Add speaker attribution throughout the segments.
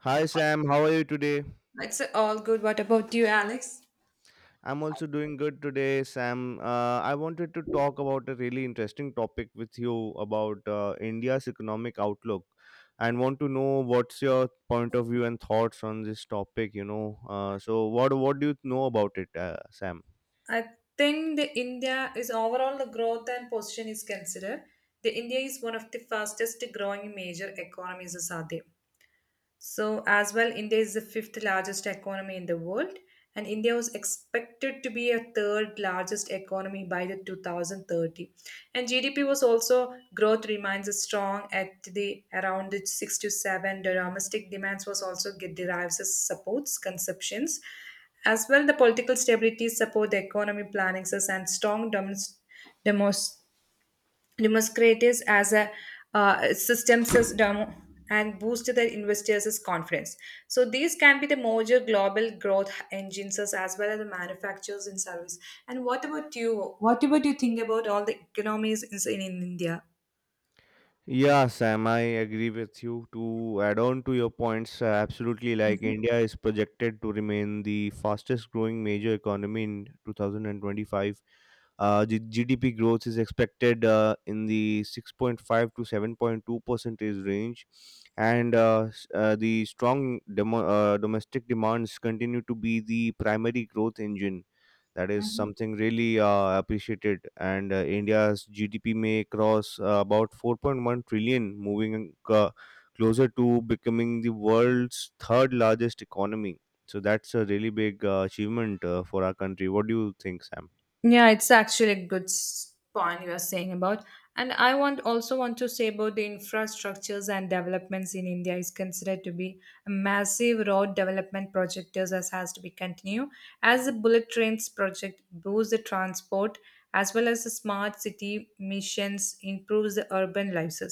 Speaker 1: Hi Sam, how are you today?
Speaker 2: It's all good. What about you, Alex?
Speaker 1: I'm also doing good today, Sam. I wanted to talk about a really interesting topic with you about India's economic outlook and want to know what's your point of view and thoughts on this topic. So what do you know about it, Sam?
Speaker 2: I think the India is overall the growth and position is considered. The India is one of the fastest growing major economies, as are there. So, as well, India is the fifth largest economy in the world, and India was expected to be a third largest economy by the 2030. And GDP was also growth remains strong at the around the six to seven. The domestic demands was also get derives as supports consumptions, as well. The political stability support the economy plannings and strong domestic Demonstratives as a systems as demo and boost their investors' confidence. So these can be the major global growth engines as well as the manufacturers and service. And what about you? What about you think about all the economies in India?
Speaker 1: Yeah, Sam, I agree with you. To add on to your points, absolutely. Like
Speaker 2: Mhm.
Speaker 1: India is projected to remain the fastest growing major economy in 2025. The GDP growth is expected in the 6.5 to 7.2 percentage range, and the strong domestic demands continue to be the primary growth engine. That is
Speaker 2: Mhm.
Speaker 1: something really appreciated, and India's GDP may cross about 4.1 trillion, moving closer to becoming the world's third largest economy. So that's a really big achievement for our country. What do you think, Sam?
Speaker 2: Yeah, it's actually a good point you are saying about. And I want also want to say about the infrastructures and developments in India is considered to be a massive road development project as has to be continued. As the bullet trains project boosts the transport as well as the smart city missions improves the urban lives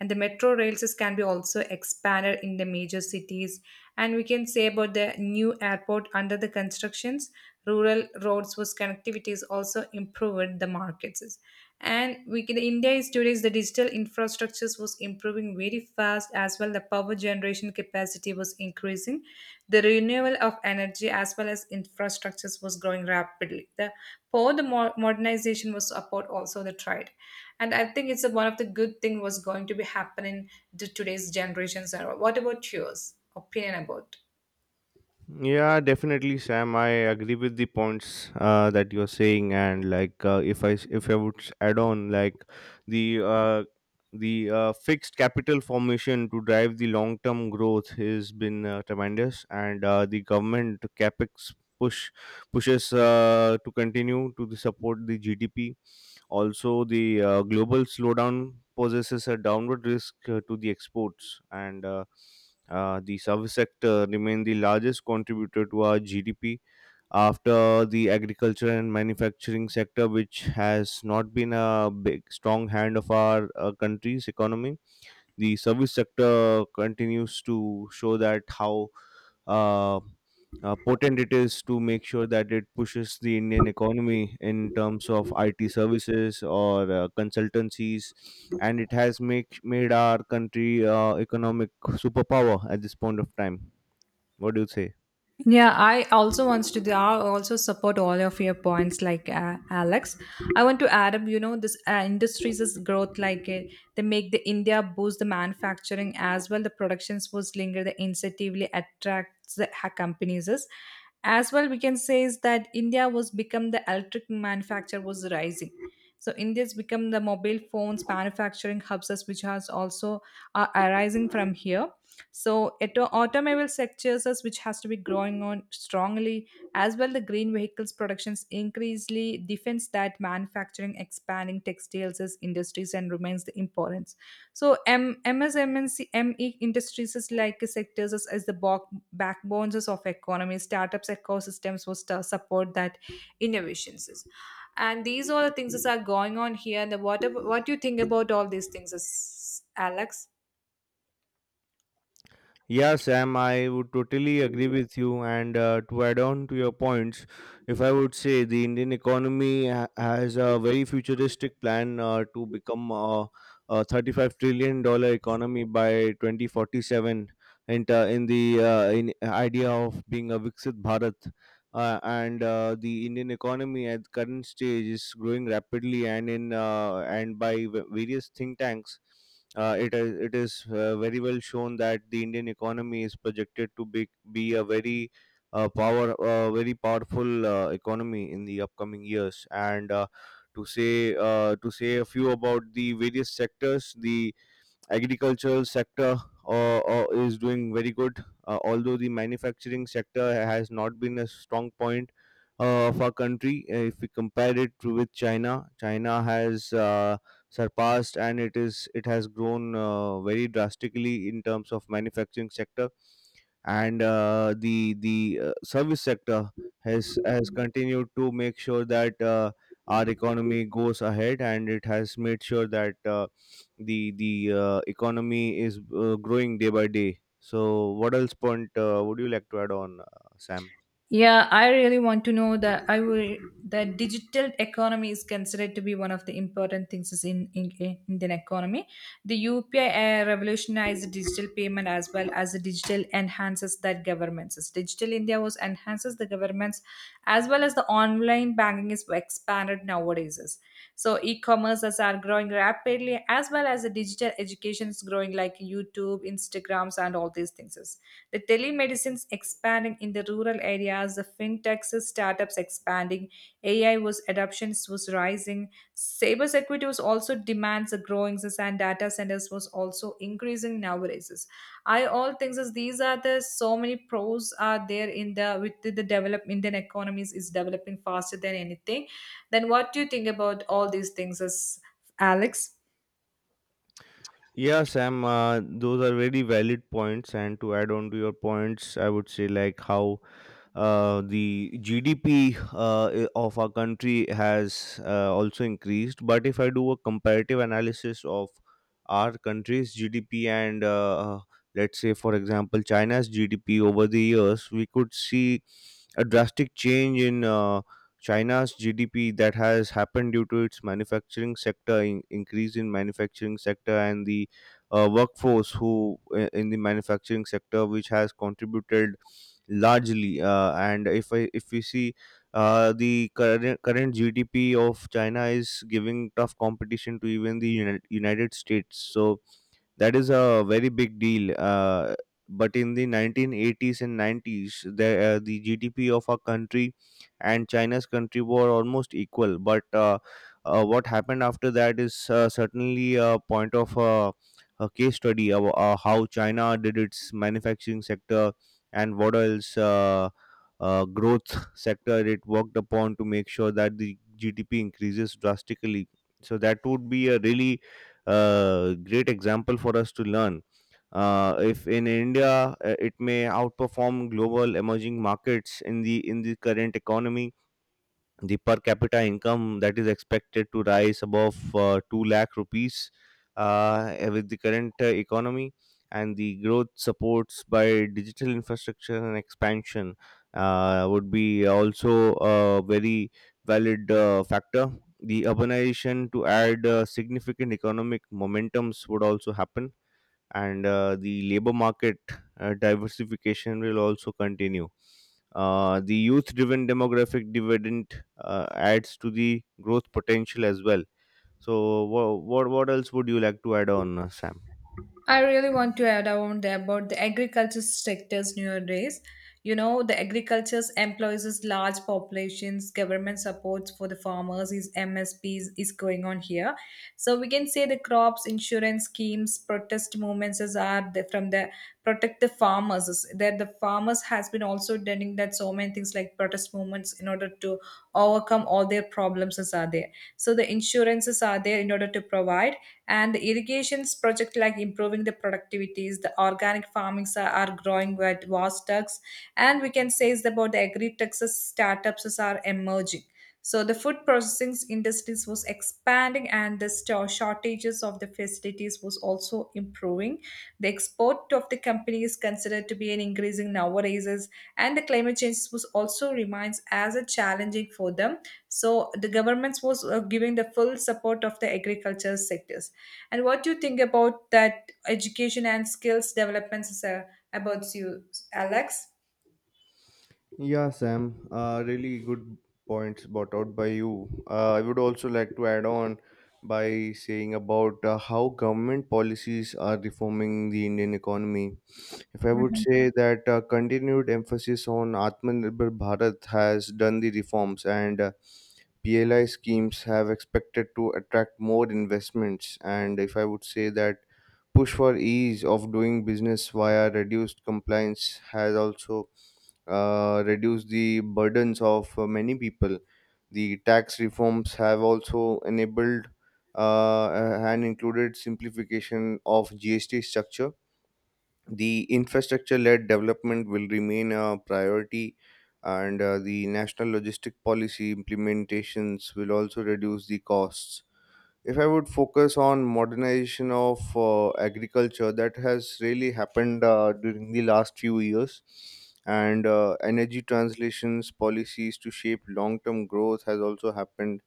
Speaker 2: and the metro rail system can be also expanded in the major cities, and we can say about the new airport under the constructions, rural roads was connectivity is also improved the markets. And we can, india is today is the digital infrastructures was improving very fast, as well the power generation capacity was increasing, the renewal of energy as well as infrastructures was growing rapidly, the for the modernization was support also the trade. And I think it's a, one of the good thing was going to be happening to today's generations era. What about yours opinion about?
Speaker 1: Yeah, definitely, Sam. I agree with the points that you're saying, and like if I would add on like the uh, the fixed capital formation to drive the long term growth has been tremendous, and the government capex push pushes to continue to the support the GDP also. The global slowdown poses a downward risk to the exports, and the service sector remain the largest contributor to our GDP after the agriculture and manufacturing sector, which has not been a big strong hand of our country's economy. The service sector continues to show that how uh, potent it is to make sure that it pushes the Indian economy in terms of IT services or consultancies, and it has make made our country economic superpower at this point of time. What do you say?
Speaker 2: Yeah, I also wants to. I also support all of your points, like Alex. I want to add up. You know, this industries' is growth, like they make the India boost the manufacturing as well. The productions was linger the incentively attracts the companies. Is. As well, we can say is that India was become the electric manufacture was rising. So India's become the mobile phones manufacturing hubs, as which has also are arising from here. So automobile sectors is which has to be growing on strongly, as well the green vehicles productions increasingly defends that manufacturing expanding textiles as industries and remains the importance. So MSMNC ME industries is like sectors is the backbones is of economy startups ecosystems was to support that innovations. Is. And these all the things that are going on here. The what do you think about all these things, is, Alex?
Speaker 1: Yeah, Sam, I would totally agree with you. And to add on to your points, if I would say the Indian economy has a very futuristic plan to become a $35 trillion economy by 2047, and in idea of being a Viksit Bharat. And the Indian economy at current stage is growing rapidly, and in and by various think tanks it is very well shown that the Indian economy is projected to be a very power very powerful economy in the upcoming years. And to say a few about the various sectors, the agricultural sector is doing very good, although the manufacturing sector has not been a strong point of our country. If we compare it to with China, China has surpassed, and it has grown very drastically in terms of manufacturing sector. And the service sector has continued to make sure that our economy goes ahead, and it has made sure that the economy is growing day by day. So what else point would you like to add on, Sam?
Speaker 2: Yeah, I really want to know that I will that digital economy is considered to be one of the important things is in Indian economy. The UPI revolutionized digital payment as well as the digital enhances that governments. Is. Digital India was enhances the governments, as well as the online banking is expanded nowadays. Is. So e-commerces are growing rapidly, as well as the digital education is growing like YouTube, Instagrams, and all these things. The telemedicine's expanding in the rural areas, the fintechs, startups expanding, AI was adoptions was rising. Cybersecurity was also demands are growing and data centers was also increasing nowadays. I all things is these are the so many pros are there in the with the develop Indian economies is developing faster than anything. Then what do you think about all these things as Alex?
Speaker 1: Yeah, Sam, those are very valid points. And to add on to your points, I would say like how the GDP of our country has also increased. But if I do a comparative analysis of our country's GDP and let's say, for example, China's GDP over the years, we could see a drastic change in China's GDP that has happened due to its manufacturing sector increase in manufacturing sector, and the workforce in the manufacturing sector which has contributed largely. And if we see the current GDP of China is giving tough competition to even the United States, so that is a very big deal. But in the 1980s and 90s, the GDP of our country and China's country were almost equal. But what happened after that is certainly a point of a case study of how China did its manufacturing sector and what else growth sector it worked upon to make sure that the GDP increases drastically. So that would be a really great example for us to learn. If in India, it may outperform global emerging markets in the current economy. The per capita income that is expected to rise above 2 lakh rupees, with the current economy and the growth supports by digital infrastructure and expansion, would be also a very valid factor. The urbanization to add significant economic momentums would also happen, and the labor market diversification will also continue. The youth driven demographic dividend adds to the growth potential as well. So, what else would you like to add on, Sam?
Speaker 2: I really want to add on there about the agriculture sectors nowadays. You know, the agriculture employs large populations. Government supports for the farmers is MSPs is going on here. So we can say the crops, insurance schemes, protest movements is are the, from the protect the farmers. is. That the farmers has been also doing that so many things like protest movements in order to overcome all their problems is are there. So the insurances are there in order to provide, and the irrigations project like improving the productivities, the organic farmings are growing with vast ducks, and we can say is about the agri texas startups is are emerging. So the food processing industries was expanding, and the shortages of the facilities was also improving, the export of the company is considered to be an increasing nowadays is, and the climate change was also remains as a challenging for them. So the governments was giving the full support of the agriculture sectors. And what do you think about that education and skills developments is, about you, Alex?
Speaker 1: Yeah, Sam, really good points brought out by you. I would also like to add on by saying about how government policies are reforming the Indian economy. If I would
Speaker 2: Mhm.
Speaker 1: say that continued emphasis on Atmanirbhar Bharat has done the reforms, and PLI schemes have expected to attract more investments. And if I would say that push for ease of doing business via reduced compliance has also reduced the burdens of many people. The tax reforms have also enabled uh, and included simplification of GST structure. The infrastructure led development will remain a priority, and the national logistic policy implementations will also reduce the costs. If I would focus on modernization of agriculture that has really happened during the last few years, and energy translations policies to shape long term growth has also happened.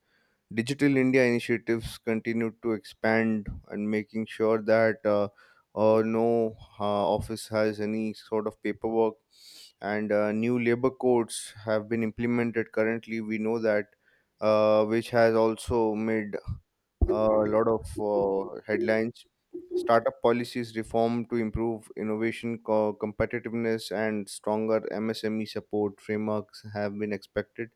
Speaker 1: Digital India initiatives continue to expand and making sure that no office has any sort of paperwork. And new labor codes have been implemented currently. We know that, which has also made a lot of headlines. Startup policies reform to improve innovation competitiveness and stronger MSME support frameworks have been expected.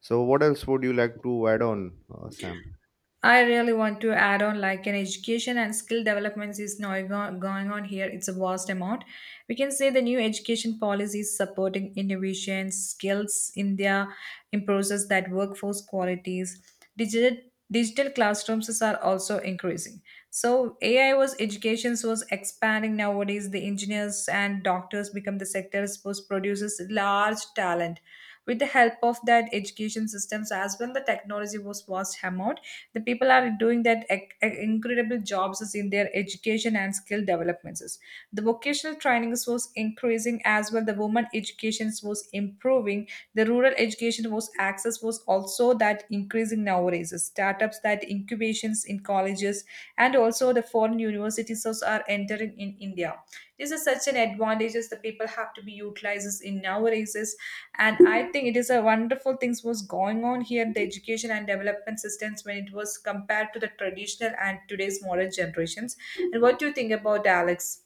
Speaker 1: So, what else would you like to add on, Sam?
Speaker 2: I really want to add on like an education and skill developments is now going on here. It's a vast amount. We can say the new education policies supporting innovation, skills in their improves that workforce qualities. Digital digital classrooms are also increasing. So AI was educations was expanding nowadays. The engineers and doctors become the sectors which produces large talent. With the help of that education systems as well, the technology was vast amount. The people are doing that incredible jobs is in their education and skill developments, the vocational trainings was increasing as well. The women education was improving. The rural education was access was also that increasing nowadays. The Startups that incubations in colleges, and also the foreign universities also are entering in India. This is such an advantages that people have to be utilizes in nowadays. Is, And I think it is a wonderful things was going on here in the education and development systems when it was compared to the traditional and today's modern generations. And what do you think about Alex?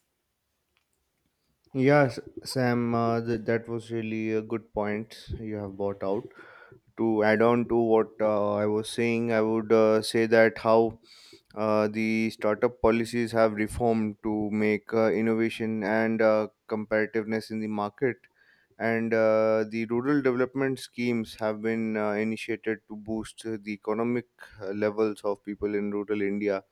Speaker 1: Yes, Sam, that was really a good point you have brought out. To add on to what I was saying, I would say that how the startup policies have reformed to make innovation and competitiveness in the market, and the rural development schemes have been initiated to boost the economic levels of people in rural India,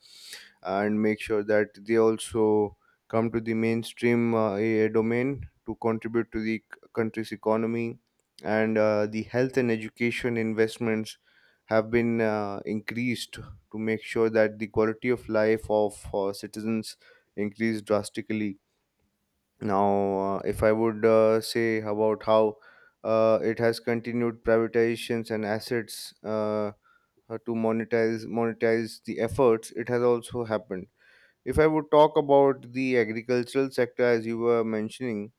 Speaker 1: and make sure that they also come to the mainstream domain to contribute to the country's economy. And the health and education investments have been increased to make sure that the quality of life of citizens increase drastically. Now if I would say about how it has continued privatizations and assets, to monetize the efforts, it has also happened. If I would talk about the agricultural sector, as you were mentioning,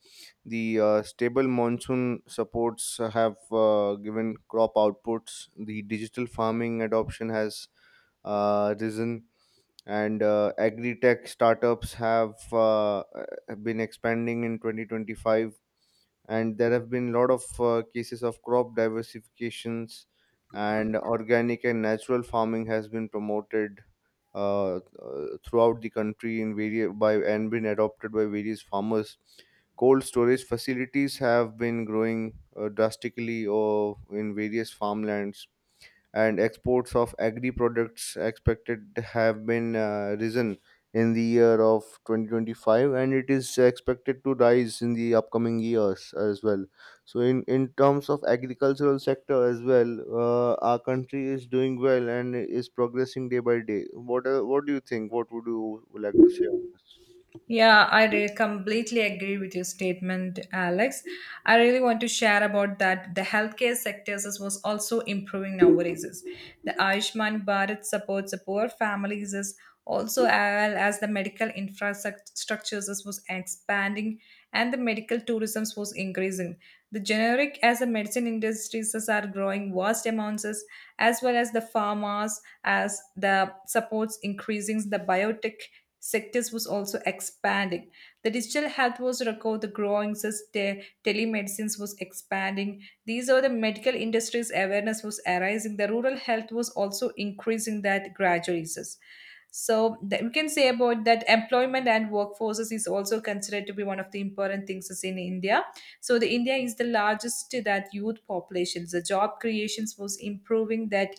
Speaker 1: the stable monsoon supports have given crop outputs. The digital farming adoption has risen, and agri tech startups have been expanding in 2025, and there have been a lot of cases of crop diversifications, and organic and natural farming has been promoted throughout the country by and been adopted by various farmers. Cold storage facilities have been growing drastically in various farmlands, and exports of agri products expected have been risen in the year of 2025, and it is expected to rise in the upcoming years as well. So in terms of agricultural sector as well, our country is doing well and is progressing day by day. What do you think? What would you like to say on this?
Speaker 2: Yeah, I completely agree with your statement, Alex. I really want to share about that the healthcare sector was also improving nowadays. Is. The Ayushman Bharat supports the poor families is, also as well as the medical infrastructures was expanding, and the medical tourism was increasing. The generic as the medicine industries is are growing vast amounts is, as well as the pharmas as the supports increasing the biotech sectors was also expanding. The digital health was record, the growing telemedicines was expanding. These are the medical industries awareness was arising. The rural health was also increasing that gradually. Sus. So that we can say about that employment and workforces is also considered to be one of the important things is in India. So the India is the largest to that youth population. The job creations was improving that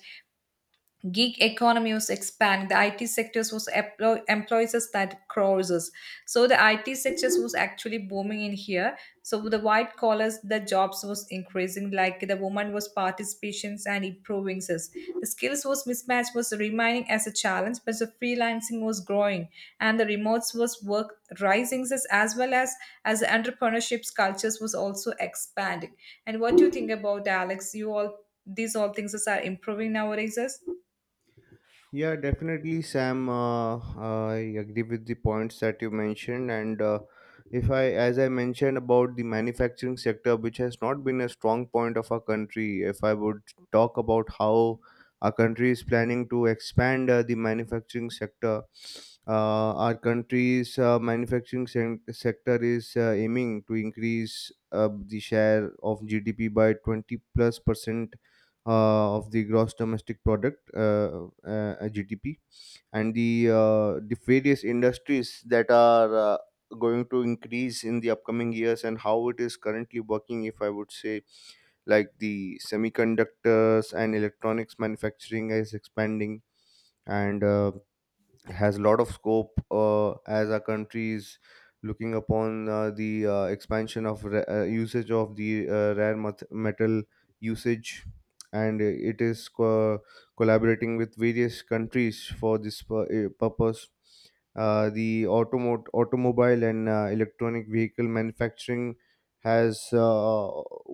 Speaker 2: gig economy was expand the it sectors was employs us that crosses. So the it sectors was actually booming in here. So the white collars the jobs was increasing, like the woman was participations and improving us, the skills was mismatch was remaining as a challenge, but the freelancing was growing, and the remotes was work rising us, as well as the entrepreneurships cultures was also expanding. And what do you think about that, alex, you all these all things are improving nowadays Us?
Speaker 1: Yeah, definitely, Sam. I agree with the points that you mentioned, and if I, as I mentioned about the manufacturing sector, which has not been a strong point of our country. If I would talk about how our country is planning to expand the manufacturing sector. Our country's sector is aiming to increase the share of GDP by 20 plus percent of the gross domestic product, GDP, and the various industries that are going to increase in the upcoming years, and how it is currently working, if I would say, like the semiconductors and electronics manufacturing is expanding and has a lot of scope, as our country is looking upon the expansion of usage of the metal usage, and it is collaborating with various countries for this purpose. The automobile and electronic vehicle manufacturing has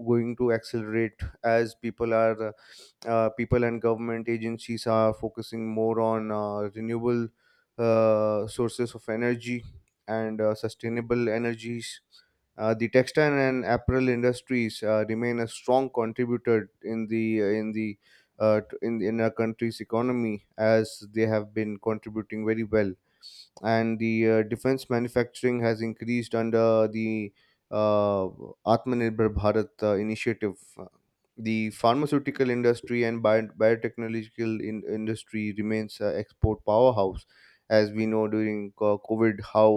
Speaker 1: going to accelerate as people and government agencies are focusing more on renewable sources of energy and sustainable energies. The textile and apparel industries remain a strong contributor in our country's economy, as they have been contributing very well, and the defense manufacturing has increased under the uh, Atmanirbhar Bharat initiative. The pharmaceutical industry and biotechnological industry remains export powerhouse, as we know during COVID how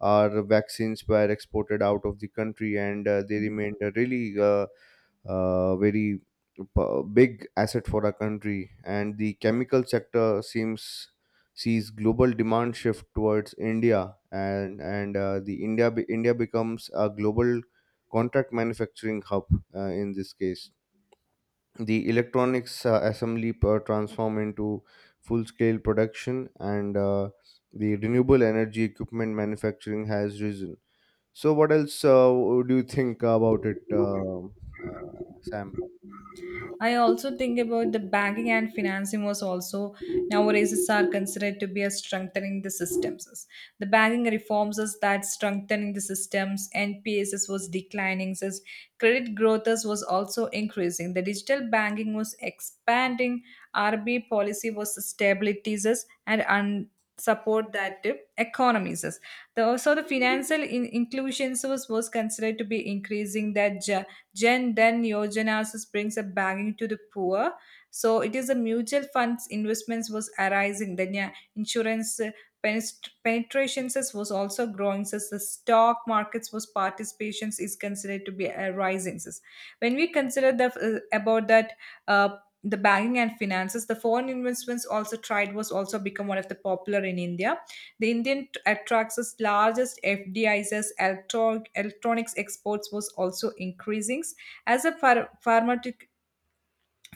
Speaker 1: our vaccines were exported out of the country, and they remained really uh, uh, very big asset for our country. And the chemical sector seems sees global demand shift towards India, and India becomes a global contract manufacturing hub in this case. The electronics assembly per transform into full scale production, and the renewable energy equipment manufacturing has risen. So what else do you think about it, uh, Sam?
Speaker 2: I also think about the banking and financing was also nowadays are considered to be a strengthening the systems. The banking reforms is that strengthening the systems, NPSs was declining, says credit growth was also increasing. The digital banking was expanding, RB policy was stability says, and support that economies. Says. The, also the financial inclusion was considered to be increasing that Jan Dhan Yojana also brings a banking to the poor. So it is a mutual funds investments was arising. Then yeah, insurance penetrations was also growing. So the stock markets was participations is considered to be rising. So when we consider the about that. The banking and finances the foreign investments also tried was also become one of the popular in india, the Indian attracts largest FDIs as electronics exports was also increasing as the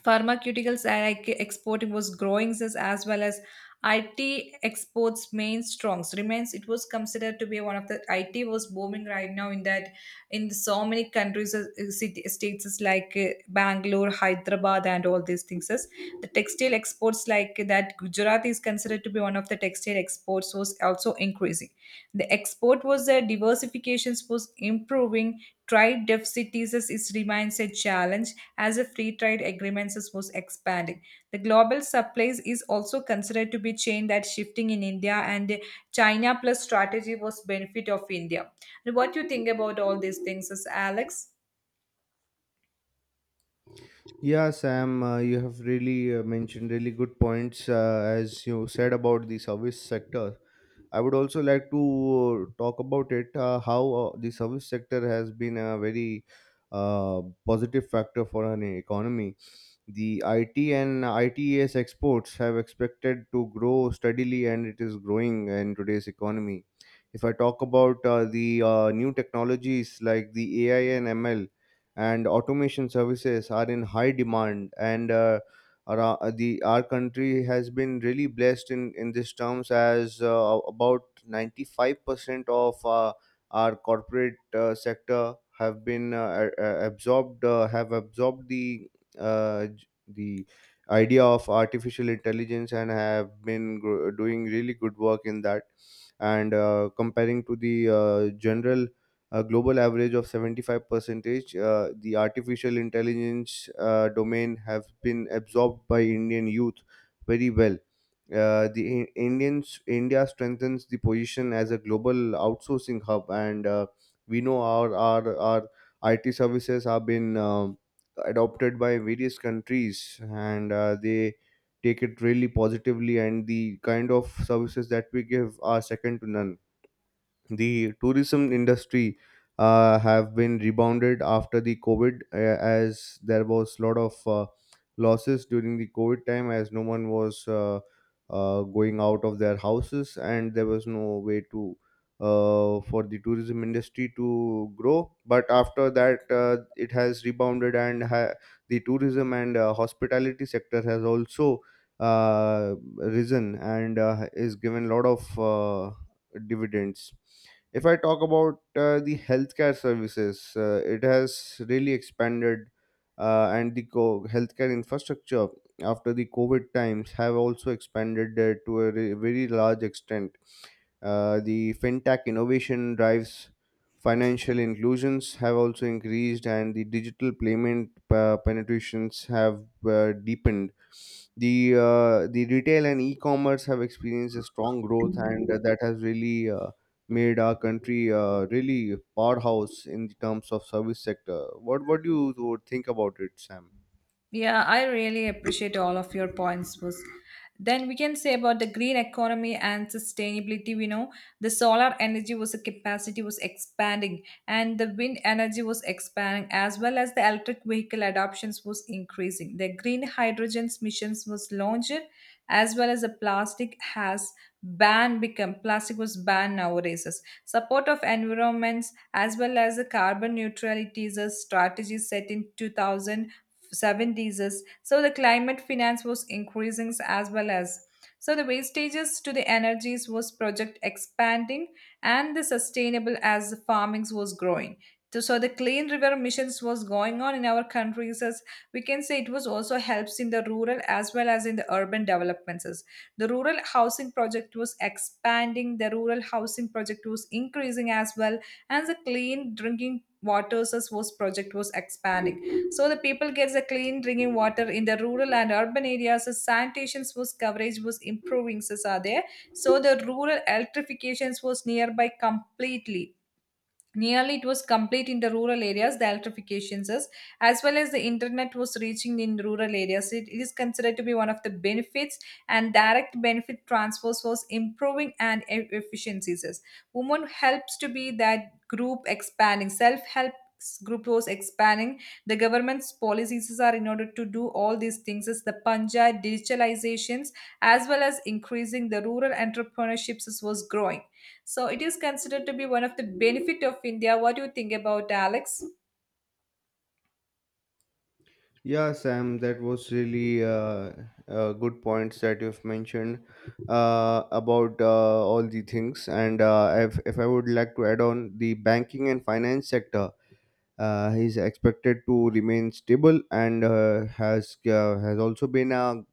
Speaker 2: pharmaceuticals and like exporting was growing this, as well as IT exports main strongs remains it was considered to be one of the IT was booming right now in that, in so many countries, city states is like Bangalore, Hyderabad, and all these things is the textile exports like that Gujarat is considered to be one of the textile exports was also increasing, the export was there, diversifications was improving. Trade deficits is remains a challenge, as a free trade agreements is was expanding. The global supplies is also considered to be chain that shifting in India, and China plus strategy was benefit of India. And what do you think about all these things, is Alex?
Speaker 1: Yeah, Sam, you have really mentioned really good points, as you said about the service sector. I would also like to talk about it, how the service sector has been a very positive factor for an economy. The IT and ITES exports have expected to grow steadily, and it is growing in today's economy. If I talk about the new technologies like the AI and ML and automation services are in high demand. And Ara the our country has been really blessed in this terms, as about 95% of our corporate sector have been a- absorbed have absorbed the uh, j- the idea of artificial intelligence, and have been doing really good work in that, and comparing to the general a global average of 75 percentage. The artificial intelligence domain have been absorbed by Indian youth very well. The I- Indians India strengthens the position as a global outsourcing hub, and we know our IT services have been adopted by various countries, and they take it really positively, and the kind of services that we give are second to none. The tourism industry have been rebounded after the COVID, as there was a lot of losses during the COVID time, as no one was going out of their houses and there was no way to for the tourism industry to grow, but after that it has rebounded, and the tourism and hospitality sector has also risen, and is given a lot of dividends. If I talk about the healthcare services, it has really expanded, and the healthcare infrastructure after the COVID times have also expanded to a very large extent. The fintech innovation drives financial inclusions have also increased, and the digital payment penetrations have deepened. The retail and e-commerce have experienced a strong growth, and that has really made our country really powerhouse in the terms of service sector. What do you think about it, Sam?
Speaker 2: Yeah, I really appreciate all of your points. Was then we can say about the green economy and sustainability. We know the solar energy was a capacity was expanding, and the wind energy was expanding, as well as the electric vehicle adoptions was increasing. The green hydrogen's missions was launched, as well as the plastic has banned become plastic was banned nowadays. Support of environments as well as the carbon neutrality is a strategy set in 2000 seven diseases. So the climate finance was increasing, as well as so the wastages to the energies was project expanding, and the sustainable as the farmings was growing. So the clean river missions was going on in our countries, as we can say it was also helps in the rural as well as in the urban developments, as the rural housing project was expanding, the rural housing project was increasing as well, and the clean drinking waters as was project was expanding, so the people gets a clean drinking water in the rural and urban areas. The sanitation was coverage was improving. So, are there. So the rural electrifications was nearby completely. Nearly it was complete in the rural areas, the electrifications is, as well as the internet was reaching in rural areas. It is considered to be one of the benefits, and direct benefit transfers was improving and efficiencies is. Women helps to be that group expanding, self-help group was expanding. The government's policies are in order to do all these things is the Punjab digitalizations, as well as increasing the rural entrepreneurships was growing, so it is considered to be one of the benefit of India. What do you think about, Alex?
Speaker 1: Yeah, Sam, that was really good points that you've mentioned about all the things. And if I would like to add on, the banking and finance sector is expected to remain stable, and has also been a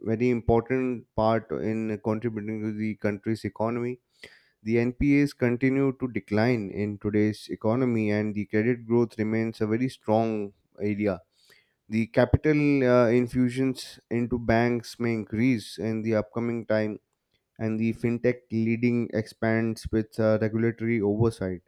Speaker 1: very important part in contributing to the country's economy. The NPAs continue to decline in today's economy, and the credit growth remains a very strong area. The capital infusions into banks may increase in the upcoming time, and the fintech leading expands with regulatory oversight.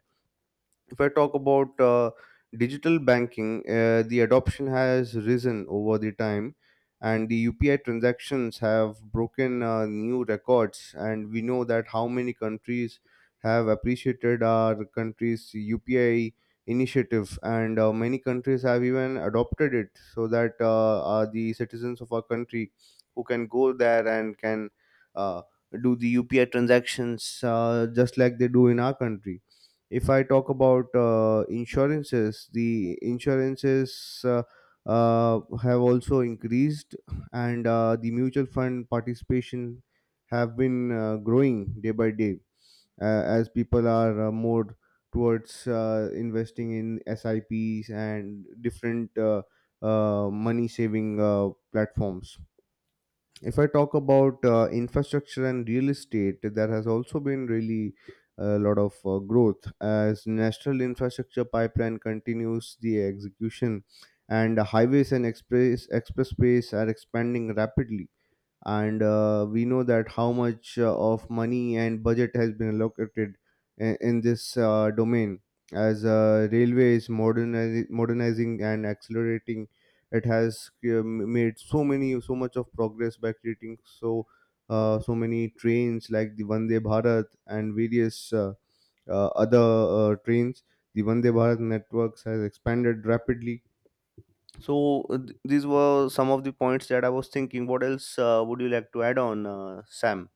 Speaker 1: If I talk about digital banking, the adoption has risen over the time, and the UPI transactions have broken new records. And we know that how many countries have appreciated our country's UPI initiative, and many countries have even adopted it, so that the citizens of our country who can go there and can uh, do the UPI transactions just like they do in our country. If I talk about insurances, the insurances have also increased, and the mutual fund participation have been growing day by day, as people are more towards investing in sips and different money saving platforms. If I talk about infrastructure and real estate, there has also been really a lot of growth, as national infrastructure pipeline continues the execution, and highways and expressways are expanding rapidly. And we know that how much of money and budget has been allocated in this domain, as railway is modernizing and accelerating. It has made so much of progress by creating so many trains like the Vande Bharat and various other trains. The Vande Bharat networks has expanded rapidly. So these were some of the points that I was thinking. What else would you like to add on, Sam?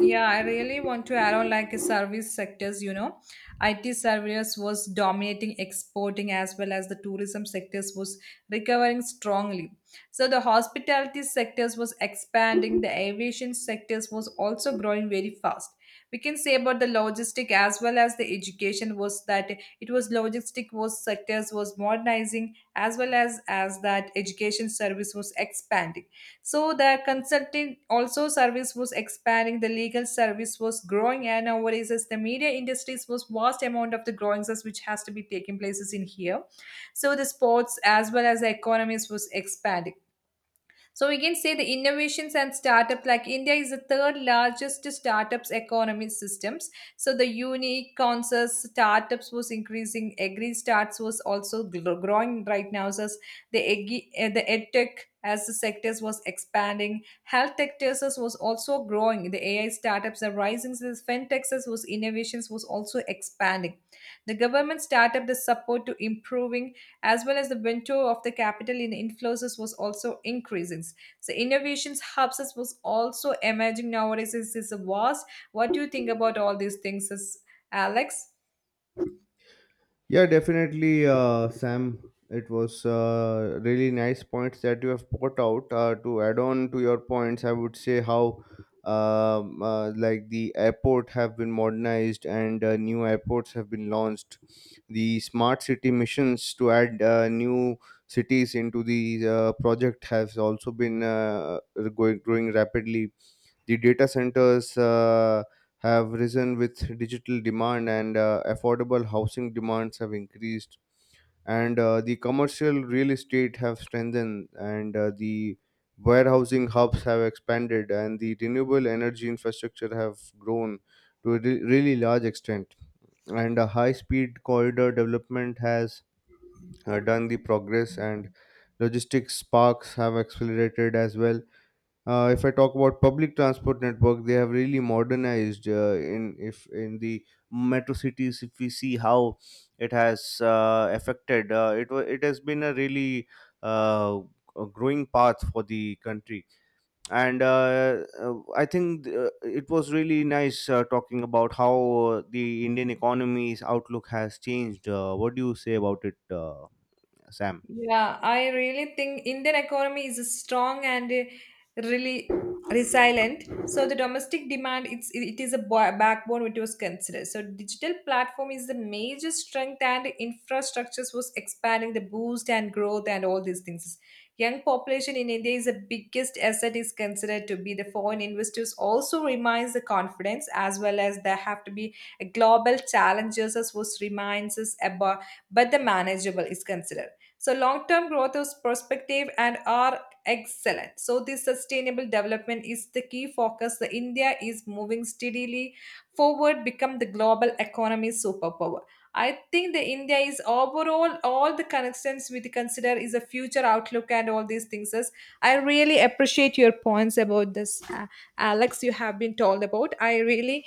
Speaker 2: Yeah, I really want to add on like service sectors. IT service was dominating exporting, as well as the tourism sectors was recovering strongly. So the hospitality sectors was expanding, the aviation sectors was also growing very fast. We can say about the logistic as well as the education was that it was logistic was sectors was modernizing, as well as that education service was expanding, so the consulting also service was expanding, the legal service was growing, and nowadays as the media industries was vast amount of the growing service which has to be taking places in here. So the sports as well as the economies was expanding. So we can say the innovations and startups like India is the third largest startups economy systems. So the unique concerts startups was increasing. Agri starts was also growing right now. So the edtech as the sectors was expanding. Health tech sectors was also growing. The AI startups are rising. So this fintech was innovations was also expanding. The government startup the support to improving, as well as the window of the capital in inflows was also increasing. So innovations hubs was also emerging nowadays is a vast. What do you think about all these things, is Alex?
Speaker 1: Yeah, definitely, Sam. It was really nice points that you have put out. To add on to your points, I would say how like the airport have been modernized, and new airports have been launched. The smart city missions to add new cities into the project has also been going growing rapidly. The data centers have risen with digital demand, and affordable housing demands have increased, and the commercial real estate have strengthened, and the warehousing hubs have expanded, and the renewable energy infrastructure have grown to a really large extent. And a high speed corridor development has done the progress, and logistics parks have accelerated as well. If I talk about public transport network, they have really modernized. In the metro cities, if we see how it has affected, it has been a really uh, a growing path for the country. And I think it was really nice talking about how the Indian economy's outlook has changed. What do you say about it, Sam?
Speaker 2: Yeah, I really think Indian economy is strong and really resilient. So the domestic demand, it is a backbone which was considered. So digital platform is the major strength, and infrastructures was expanding the boost and growth and all these things. Young population in India is the biggest asset is considered to be the foreign investors also reminds the confidence, as well as there have to be a global challenges as was reminds us about, but the manageable is considered. So long-term growth is perspective and are excellent. So this sustainable development is the key focus. The India is moving steadily forward, become the global economy superpower. I think the India is overall all the connections we consider is a future outlook and all these things. I really appreciate your points about this, Alex. You have been told about. I really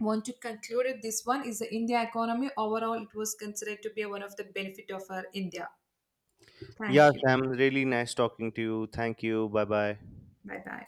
Speaker 2: want to conclude it. This one is the India economy overall. It was considered to be one of the benefit of our India.
Speaker 1: Yeah,
Speaker 2: Thank you.
Speaker 1: Sam, really nice talking to you. Thank you. Bye bye.
Speaker 2: Bye bye.